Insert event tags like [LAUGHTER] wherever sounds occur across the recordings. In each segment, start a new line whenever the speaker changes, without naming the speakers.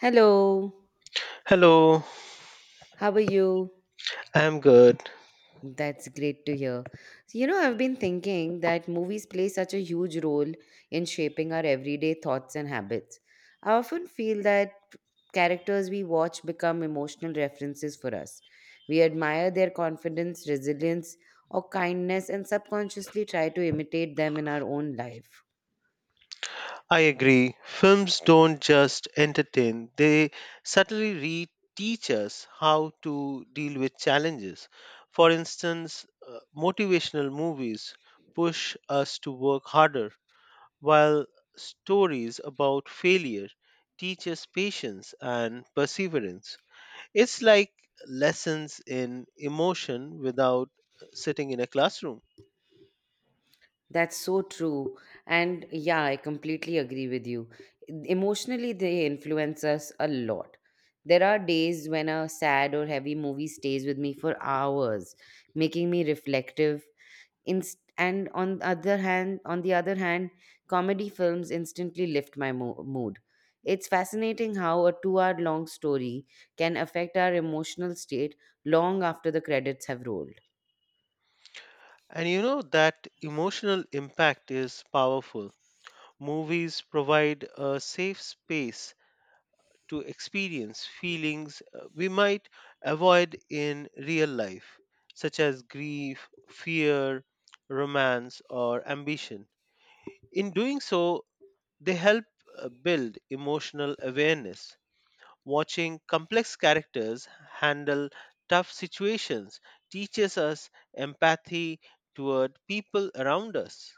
Hello,
Hello,
how are you?
I'm good.
That's great to hear. So, I've been thinking that movies play such a huge role in shaping our everyday thoughts and habits. I often feel that characters we watch become emotional references for us. We admire their confidence, resilience, or kindness and subconsciously try to imitate them in our own life.
I agree. Films don't just entertain, they subtly teach us how to deal with challenges. For instance, motivational movies push us to work harder, while stories about failure teach us patience and perseverance. It's like lessons in emotion without sitting in a classroom.
That's so true. And yeah, I completely agree with you. Emotionally, they influence us a lot. There are days when a sad or heavy movie stays with me for hours, making me reflective. And on the other hand, comedy films instantly lift my mood. It's fascinating how a two-hour long story can affect our emotional state long after the credits have rolled.
And you know that emotional impact is powerful. Movies provide a safe space to experience feelings we might avoid in real life, such as grief, fear, romance, or ambition. In doing so, they help build emotional awareness. Watching complex characters handle tough situations teaches us empathy toward people around us.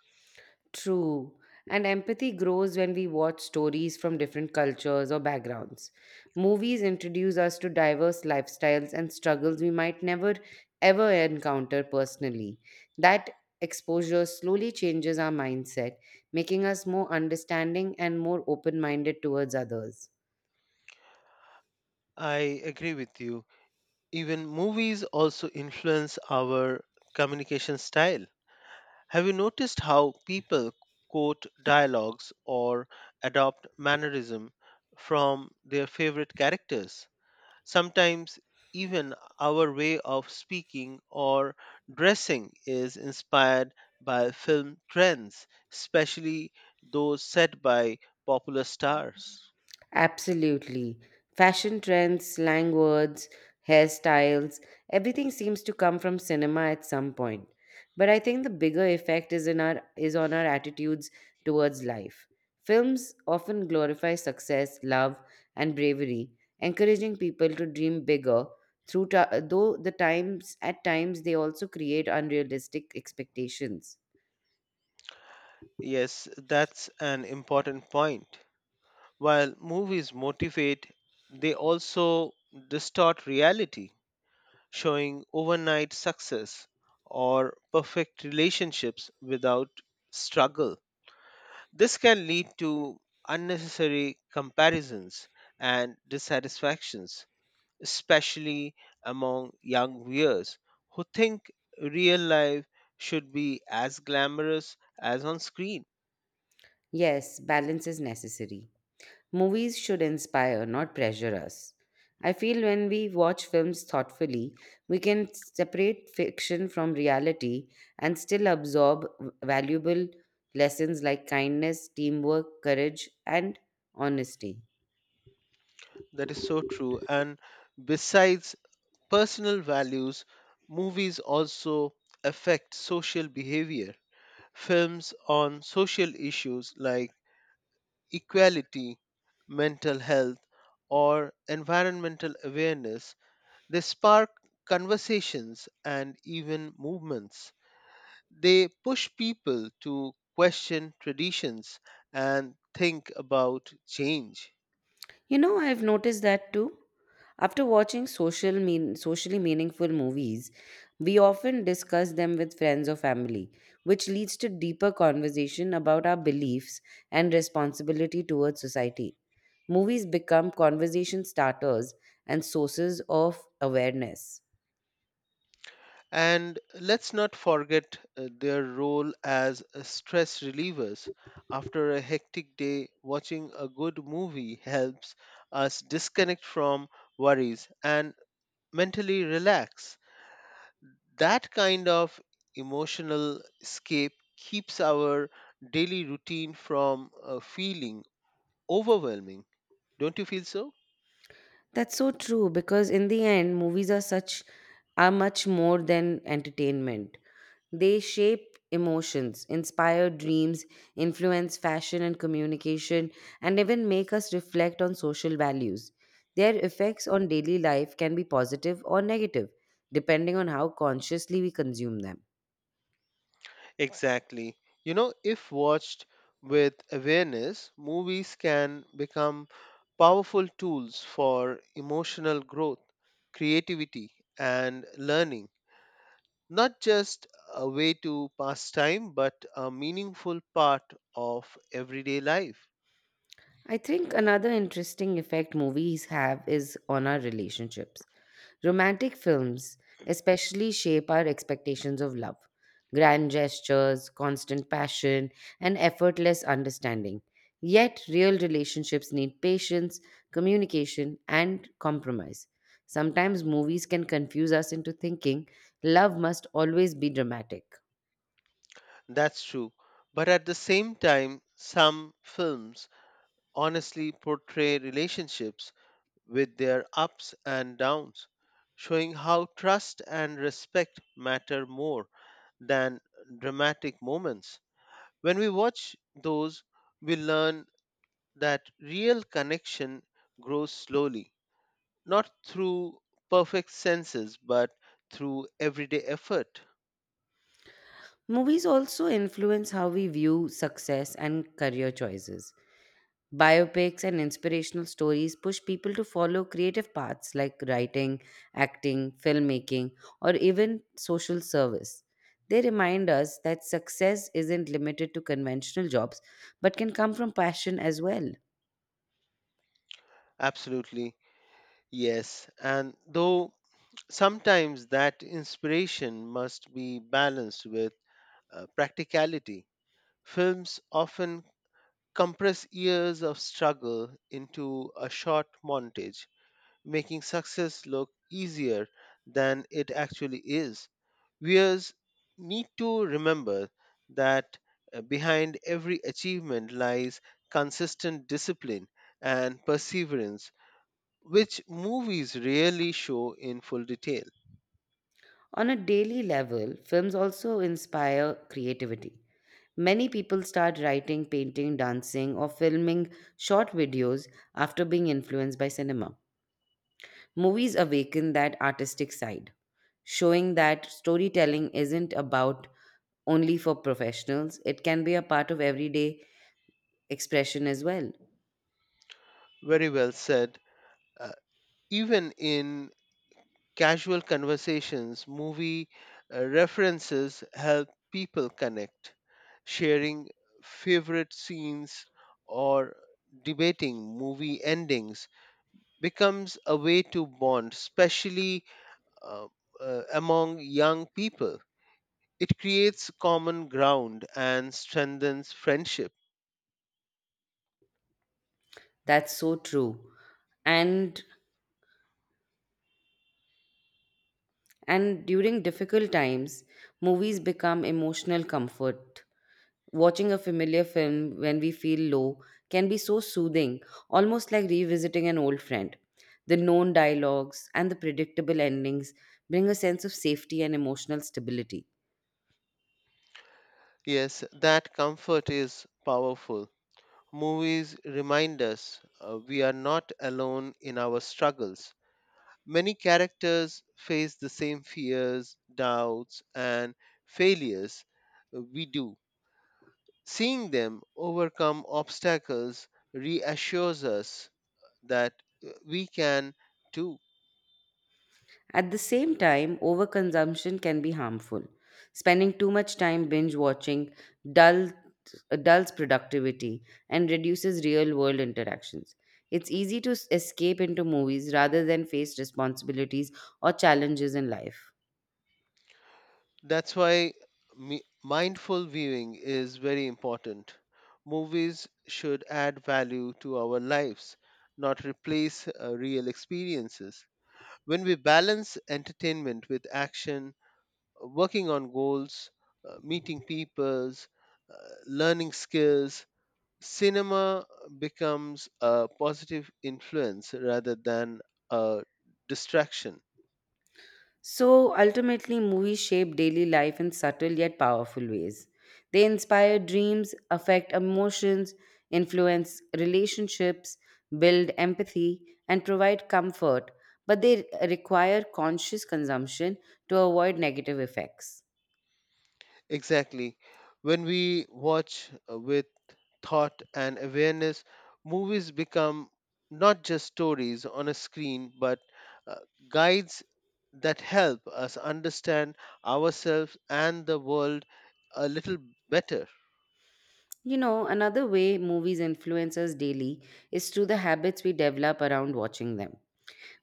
True. And empathy grows when we watch stories from different cultures or backgrounds. Movies introduce us to diverse lifestyles and struggles we might never ever encounter personally. That exposure slowly changes our mindset, making us more understanding and more open minded towards others.
I agree with you. Even movies also influence our communication style. Have you noticed how people quote dialogues or adopt mannerism from their favorite characters? Sometimes even our way of speaking or dressing is inspired by film trends, especially those set by popular stars.
Absolutely. Fashion trends, slang words, hairstyles, everything seems to come from cinema at some point. But I think the bigger effect is on our attitudes towards life. Films often glorify success, love, and bravery, encouraging people to dream bigger. Though the times at times they also create unrealistic expectations.
Yes, that's an important point. While movies motivate, they also distort reality, showing overnight success or perfect relationships without struggle. This can lead to unnecessary comparisons and dissatisfactions, especially among young viewers who think real life should be as glamorous as on screen.
Yes, balance is necessary. Movies should inspire, not pressure us. I feel when we watch films thoughtfully, we can separate fiction from reality and still absorb valuable lessons like kindness, teamwork, courage, and honesty.
That is so true. And besides personal values, movies also affect social behavior. Films on social issues like equality, mental health, or environmental awareness, they spark conversations and even movements. They push people to question traditions and think about change.
I've noticed that too. After watching socially meaningful movies, we often discuss them with friends or family, which leads to deeper conversation about our beliefs and responsibility towards society. Movies become conversation starters and sources of awareness.
And let's not forget their role as stress relievers. After a hectic day, watching a good movie helps us disconnect from worries and mentally relax. That kind of emotional escape keeps our daily routine from feeling overwhelming. Don't you feel so?
That's so true because in the end, movies are much more than entertainment. They shape emotions, inspire dreams, influence fashion and communication, and even make us reflect on social values. Their effects on daily life can be positive or negative, depending on how consciously we consume them.
Exactly. You know, if watched with awareness, movies can become powerful tools for emotional growth, creativity, and learning. Not just a way to pass time, but a meaningful part of everyday life.
I think another interesting effect movies have is on our relationships. Romantic films especially shape our expectations of love, grand gestures, constant passion, and effortless understanding. Yet, real relationships need patience, communication, and compromise. Sometimes movies can confuse us into thinking love must always be dramatic.
That's true. But at the same time, some films honestly portray relationships with their ups and downs, showing how trust and respect matter more than dramatic moments. When we watch those, we learn that real connection grows slowly, not through perfect senses, but through everyday effort.
Movies also influence how we view success and career choices. Biopics and inspirational stories push people to follow creative paths like writing, acting, filmmaking, or even social service. They remind us that success isn't limited to conventional jobs, but can come from passion as well.
Absolutely, yes. And though sometimes that inspiration must be balanced with practicality, films often compress years of struggle into a short montage, making success look easier than it actually is. Viewers need to remember that behind every achievement lies consistent discipline and perseverance, which movies rarely show in full detail.
On a daily level, films also inspire creativity. Many people start writing, painting, dancing, or filming short videos after being influenced by cinema. Movies awaken that artistic side showing that storytelling isn't about only for professionals, it can be a part of everyday expression as well.
Very well said. Uh, Even in casual conversations, movie references help people connect, sharing favorite scenes or debating movie endings becomes a way to bond, especially uh, among young people. It creates common ground and strengthens friendship.
That's so true. And during difficult times, movies become emotional comfort. Watching a familiar film when we feel low can be so soothing, almost like revisiting an old friend. The known dialogues and the predictable endings bring a sense of safety and emotional stability.
Yes, that comfort is powerful. Movies remind us we are not alone in our struggles. Many characters face the same fears, doubts, and failures we do. Seeing them overcome obstacles reassures us that we can too.
At the same time, overconsumption can be harmful. Spending too much time binge watching dull, dulls productivity and reduces real world interactions. It's easy to escape into movies rather than face responsibilities or challenges in life.
That's why mindful viewing is very important. Movies should add value to our lives, not replace real experiences. When we balance entertainment with action, working on goals, meeting peoples, uh, learning skills, cinema becomes a positive influence rather than a distraction.
So ultimately, movies shape daily life in subtle yet powerful ways. They inspire dreams, affect emotions, influence relationships, build empathy, and provide comfort, but they require conscious consumption to avoid negative effects.
Exactly. When we watch with thought and awareness, movies become not just stories on a screen, but uh, guides that help us understand ourselves and the world a little better.
Another way movies influence us daily is through the habits we develop around watching them.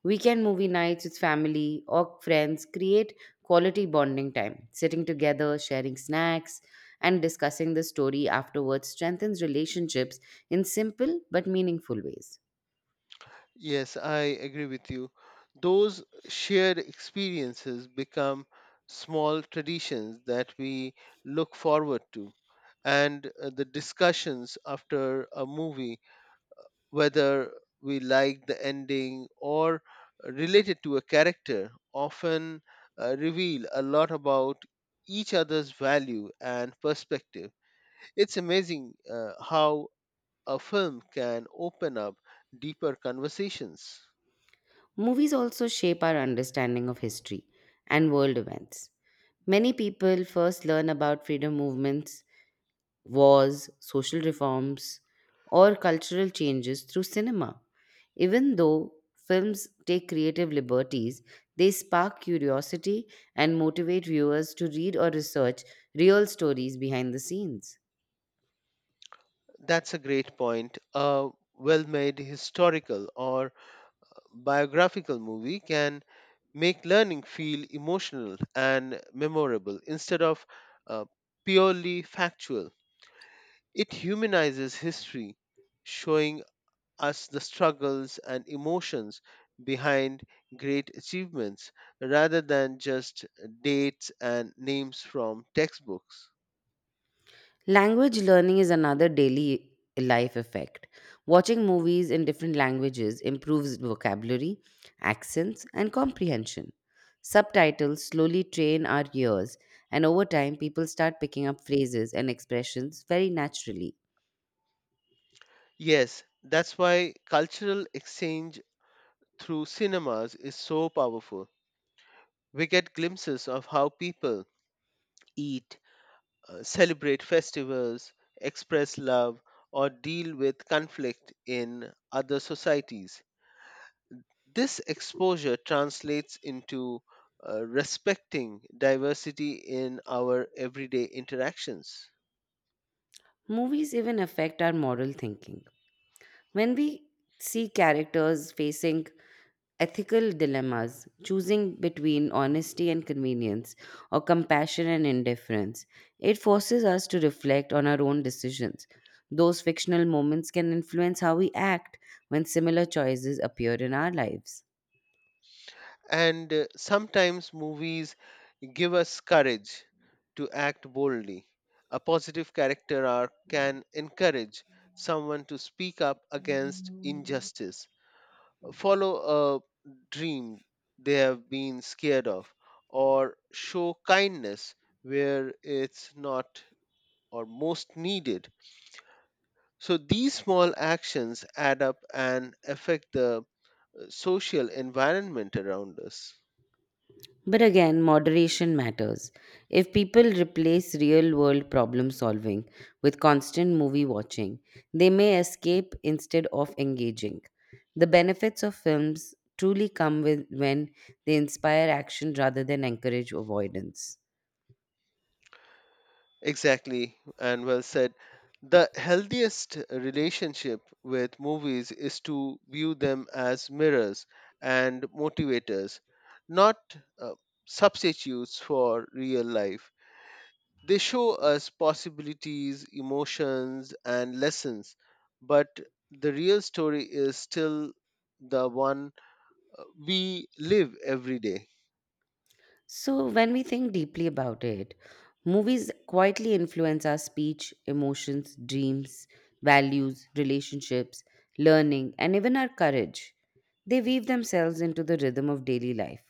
Weekend movie nights with family or friends create quality bonding time. Sitting together, sharing snacks, and discussing the story afterwards strengthens relationships in simple but meaningful ways.
Yes, I agree with you. Those shared experiences become small traditions that we look forward to. And the discussions after a movie whether we like the ending or related to a character, often reveal a lot about each other's value and perspective. It's amazing how a film can open up deeper conversations.
Movies also shape our understanding of history and world events. Many people first learn about freedom movements, wars, social reforms, or cultural changes through cinema. Even though films take creative liberties, they spark curiosity and motivate viewers to read or research real stories behind the scenes.
That's a great point. A well made historical or biographical movie can make learning feel emotional and memorable instead of uh, purely factual. It humanizes history, showing us the struggles and emotions behind great achievements rather than just dates and names from textbooks.
Language learning is another daily life effect. Watching movies in different languages improves vocabulary, accents, and comprehension. Subtitles slowly train our ears, and over time, people start picking up phrases and expressions very naturally.
Yes, that's why cultural exchange through cinemas is so powerful. We get glimpses of how people eat, celebrate festivals, express love, or deal with conflict in other societies. This exposure translates into respecting diversity in our everyday interactions.
Movies even affect our moral thinking. When we see characters facing ethical dilemmas, choosing between honesty and convenience or compassion and indifference, it forces us to reflect on our own decisions. Those fictional moments can influence how we act when similar choices appear in our lives.
And sometimes movies give us courage to act boldly. A positive character arc can encourage someone to speak up against injustice, follow a dream they have been scared of, or show kindness where it's not or most needed. So these small actions add up and affect the social environment around us.
But again, moderation matters. If people replace real world problem solving with constant movie watching, they may escape instead of engaging. The benefits of films truly come with when they inspire action rather than encourage avoidance.
Exactly, and well said. The healthiest relationship with movies is to view them as mirrors and motivators, not uh, substitutes for real life. They show us possibilities, emotions, and lessons, but the real story is still the one we live every day.
So, when we think deeply about it, movies quietly influence our speech, emotions, dreams, values, relationships, learning, and even our courage. They weave themselves into the rhythm of daily life,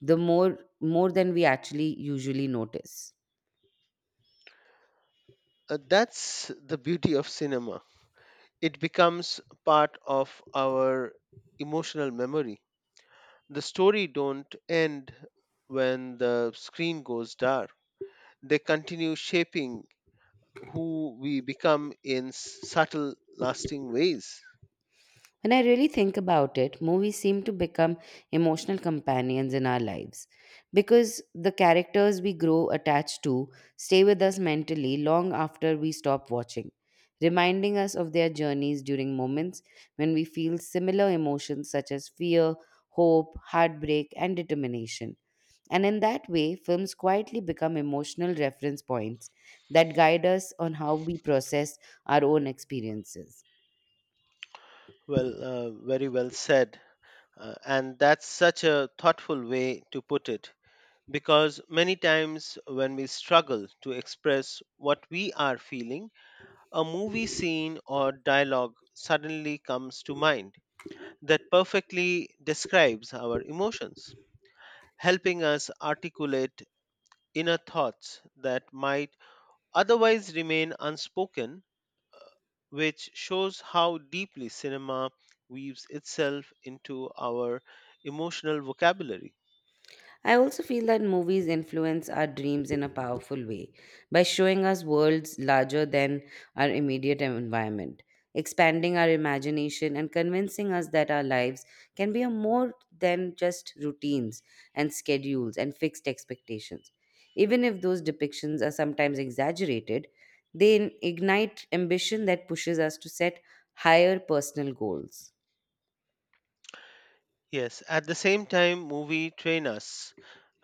the more more than we actually usually notice.
That's the beauty of cinema. It becomes part of our emotional memory. The story don't end when the screen goes dark. They continue shaping who we become in subtle, lasting ways.
When I really think about it, movies seem to become emotional companions in our lives because the characters we grow attached to stay with us mentally long after we stop watching, reminding us of their journeys during moments when we feel similar emotions such as fear, hope, heartbreak, and determination. And in that way, films quietly become emotional reference points that guide us on how we process our own experiences.
Well, very well said. And that's such a thoughtful way to put it because many times when we struggle to express what we are feeling, a movie scene or dialogue suddenly comes to mind that perfectly describes our emotions, helping us articulate inner thoughts that might otherwise remain unspoken, which shows how deeply cinema weaves itself into our emotional vocabulary.
I also feel that movies influence our dreams in a powerful way by showing us worlds larger than our immediate environment, expanding our imagination, and convincing us that our lives can be a more than just routines and schedules and fixed expectations. Even if those depictions are sometimes exaggerated, they ignite ambition that pushes us to set higher personal goals.
Yes, at the same time, movie train us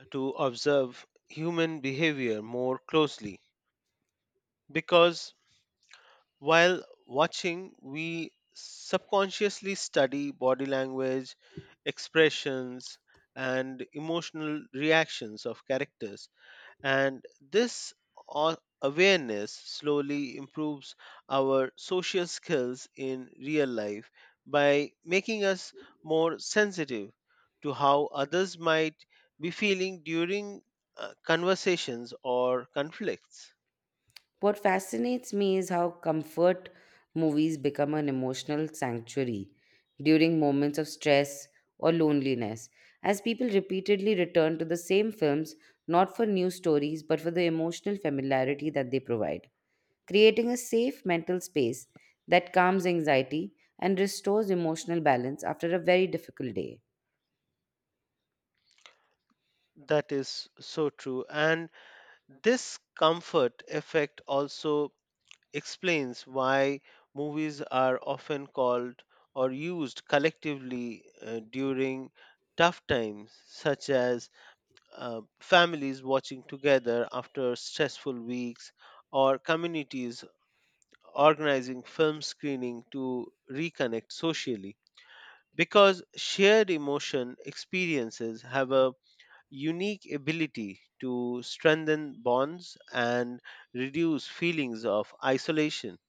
to observe human behavior more closely because while watching, we subconsciously study body language, expressions, and emotional reactions of characters. And this awareness slowly improves our social skills in real life by making us more sensitive to how others might be feeling during conversations or conflicts.
What fascinates me is how comfort movies become an emotional sanctuary during moments of stress or loneliness, as people repeatedly return to the same films not for new stories but for the emotional familiarity that they provide, creating a safe mental space that calms anxiety and restores emotional balance after a very difficult day.
That is so true. And this comfort effect also explains why movies are often called or used collectively during tough times, such as families watching together after stressful weeks or communities organizing film screening to reconnect socially. Because shared emotion experiences have a unique ability to strengthen bonds and reduce feelings of isolation.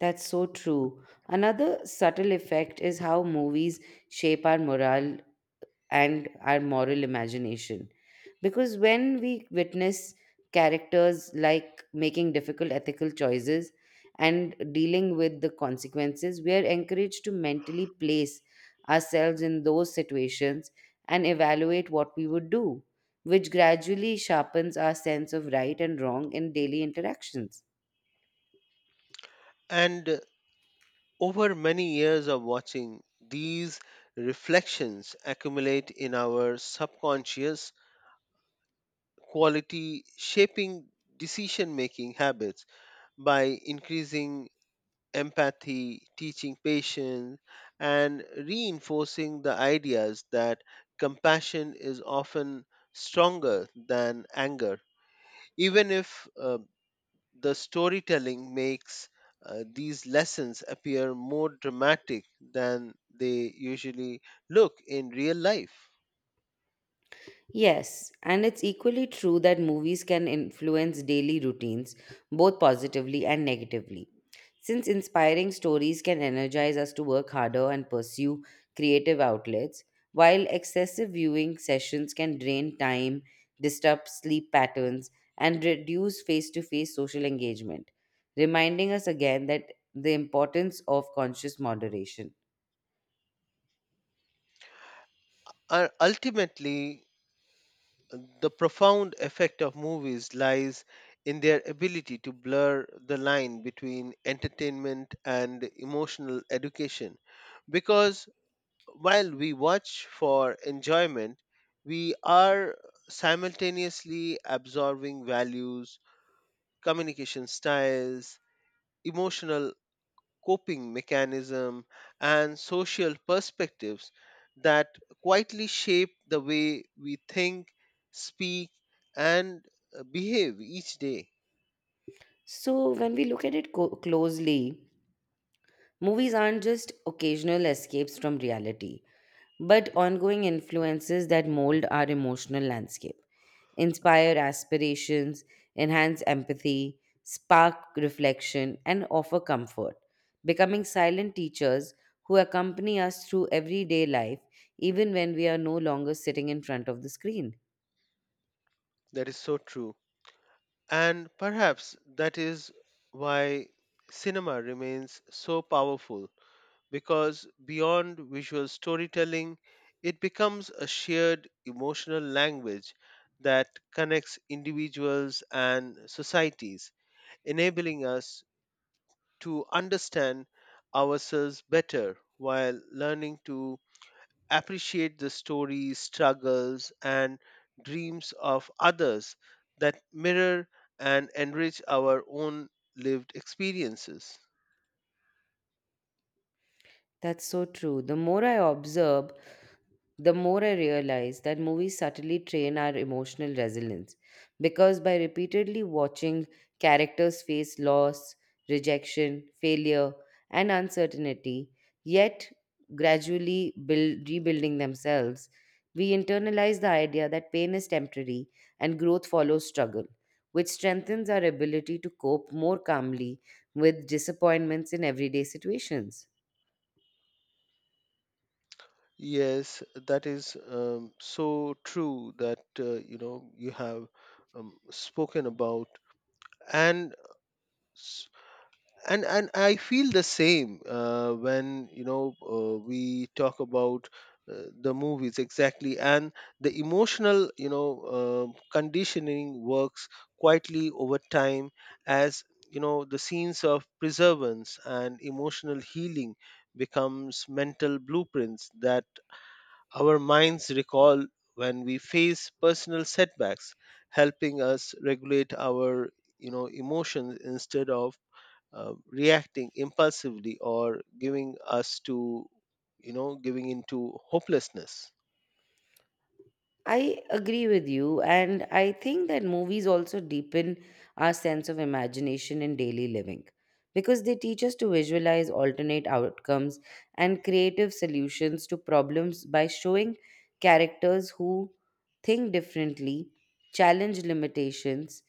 That's so true. Another subtle effect is how movies shape our moral imagination. Because when we witness characters like making difficult ethical choices and dealing with the consequences, we are encouraged to mentally place ourselves in those situations and evaluate what we would do, which gradually sharpens our sense of right and wrong in daily interactions.
And over many years of watching, these reflections accumulate in our subconscious quality, shaping decision making habits by increasing empathy, teaching patience, and reinforcing the ideas that compassion is often stronger than anger even if the storytelling makes these lessons appear more dramatic than they usually look in real life.
Yes, and it's equally true that movies can influence daily routines both positively and negatively since inspiring stories can energize us to work harder and pursue creative outlets, while excessive viewing sessions can drain time, disrupt sleep patterns, and reduce face to face social engagement, reminding us again that the importance of conscious moderation.
And ultimately, the profound effect of movies lies in their ability to blur the line between entertainment and emotional education. Because while we watch for enjoyment, we are simultaneously absorbing values, communication styles, emotional coping mechanism, and social perspectives that quietly shape the way we think, speak, and behave each day.
So, when we look at it closely, movies aren't just occasional escapes from reality, but ongoing influences that mold our emotional landscape, inspire aspirations, enhance empathy, spark reflection, and offer comfort, becoming silent teachers who accompany us through everyday life, even when we are no longer sitting in front of the screen.
That is so true. And perhaps that is why cinema remains so powerful because beyond visual storytelling, it becomes a shared emotional language that connects individuals and societies, enabling us to understand ourselves better while learning to appreciate the stories, struggles, and dreams of others that mirror and enrich our own lived experiences.
That's so true. The more I observe, the more I realize that movies subtly train our emotional resilience because by repeatedly watching characters face loss, rejection, failure, and uncertainty, yet rebuilding themselves, we internalize the idea that pain is temporary and growth follows struggle, which strengthens our ability to cope more calmly with disappointments in everyday situations.
Yes, that is so true that you know you have spoken about, and s- and I feel the same when we talk about the movies exactly, and the emotional conditioning works quietly over time as the scenes of preservance and emotional healing becomes mental blueprints that our minds recall when we face personal setbacks, helping us regulate our emotions instead of reacting impulsively or giving us to giving into hopelessness.
I agree with you, and I think that movies also deepen our sense of imagination in daily living because they teach us to visualize alternate outcomes and creative solutions to problems by showing characters who think differently, challenge limitations,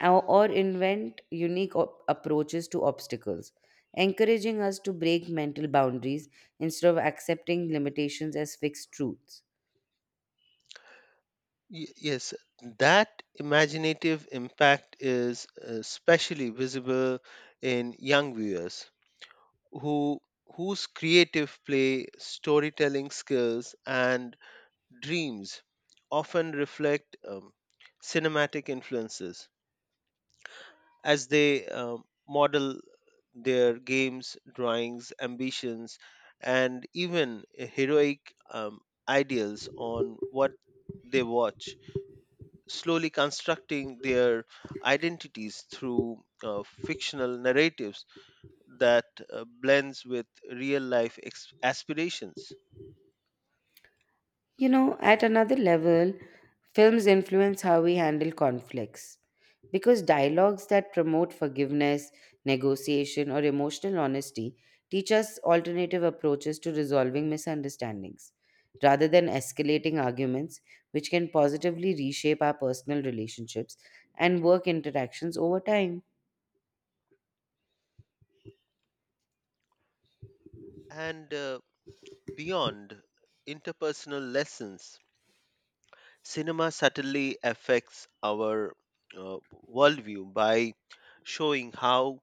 or invent approaches to obstacles, encouraging us to break mental boundaries instead of accepting limitations as fixed truths.
Yes, that imaginative impact is especially visible in young viewers who whose creative play, storytelling skills, and dreams often reflect cinematic influences as they model their games, drawings, ambitions, and even heroic ideals on what they watch, slowly constructing their identities through fictional narratives that blends with real life aspirations.
You know, at another level, films influence how we handle conflicts. Because dialogues that promote forgiveness, negotiation, or emotional honesty teach us alternative approaches to resolving misunderstandings, rather than escalating arguments, which can positively reshape our personal relationships and work interactions over time.
And beyond interpersonal lessons cinema subtly affects our uh, worldview by showing how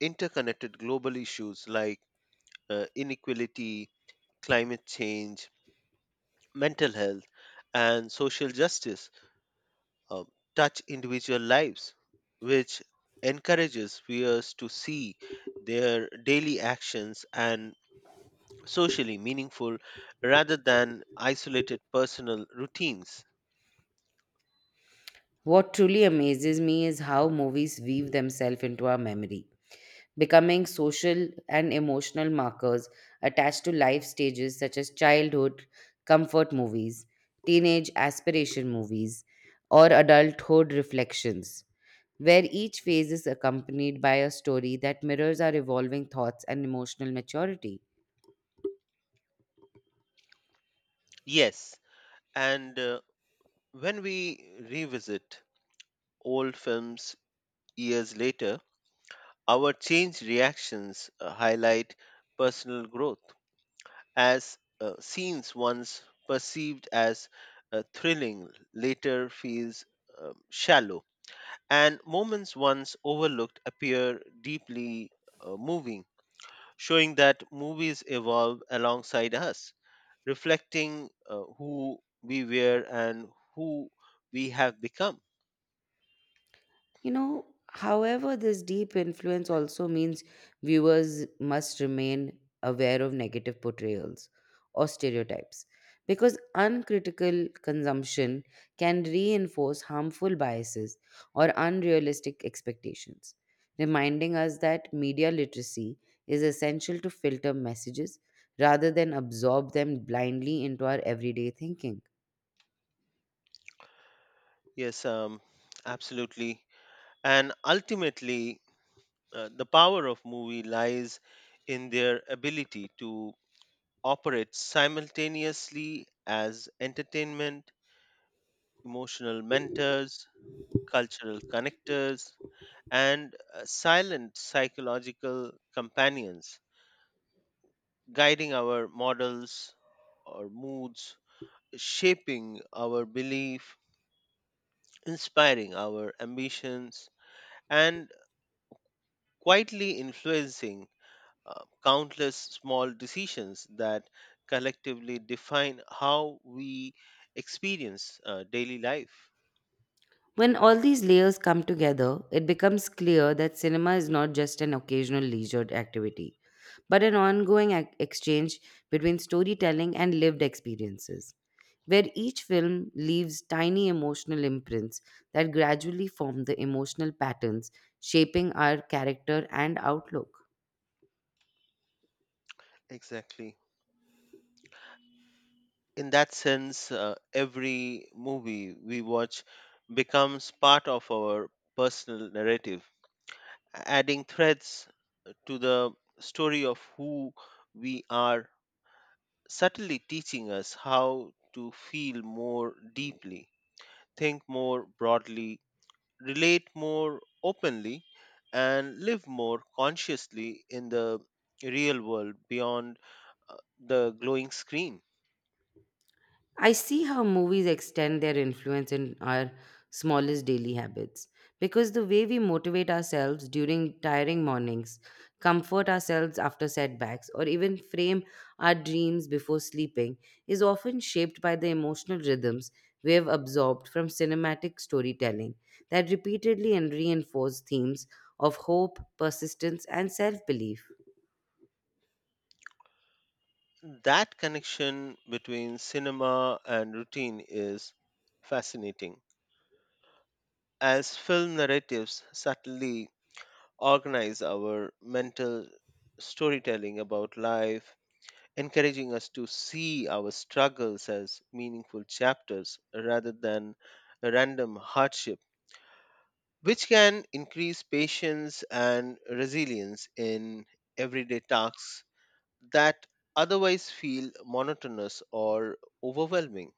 interconnected global issues like inequality, climate change, mental health, and social justice uh, touch individual lives, which encourages viewers to see their daily actions and socially meaningful rather than isolated personal routines.
What truly amazes me is how movies weave themselves into our memory becoming social and emotional markers attached to life stages such as childhood, comfort movies, teenage aspiration movies, or adulthood reflections, where each phase is accompanied by a story that mirrors our evolving thoughts and emotional maturity.
Yes, and when we revisit old films years later, our changed reactions highlight personal growth as scenes once perceived as thrilling later feels shallow and moments once overlooked appear deeply moving showing that movies evolve alongside us reflecting who we were and who we have become.
You know, however, this deep influence also means viewers must remain aware of negative portrayals or stereotypes because uncritical consumption can reinforce harmful biases or unrealistic expectations, reminding us that media literacy is essential to filter messages rather than absorb them blindly into our everyday thinking.
Yes, absolutely. And ultimately, the power of movie lies in their ability to operate simultaneously as entertainment, emotional mentors, cultural connectors, and silent psychological companions, guiding our models or moods, shaping our belief, inspiring our ambitions, and quietly influencing countless small decisions that collectively define how we experience daily life.
When all these layers come together, it becomes clear that cinema is not just an occasional leisure activity, but an ongoing exchange between storytelling and lived experiences, where each film leaves tiny emotional imprints that gradually form the emotional patterns shaping our character and outlook.
Exactly. In that sense, every movie we watch becomes part of our personal narrative, adding threads to the story of who we are, subtly teaching us how to feel more deeply, think more broadly, relate more openly and live more consciously in the real world beyond the glowing screen.
I see how movies extend their influence in our smallest daily habits because the way we motivate ourselves during tiring mornings, comfort ourselves after setbacks, or even frame our dreams before sleeping is often shaped by the emotional rhythms we have absorbed from cinematic storytelling that repeatedly and reinforce themes of hope, persistence, and self belief.
That connection between cinema and routine is fascinating, as film narratives subtly organize our mental storytelling about life, encouraging us to see our struggles as meaningful chapters rather than random hardships which can increase patience and resilience in everyday tasks that otherwise feel monotonous or overwhelming.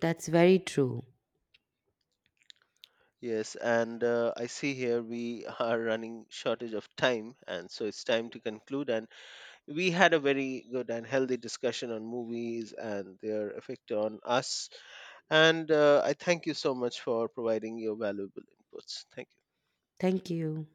That's very true.
Yes, and I see here we [LAUGHS] are running shortage of time, and so it's time to conclude. And we had a very good and healthy discussion on movies and their effect on us. And I thank you so much for providing your valuable inputs. Thank you.
Thank you.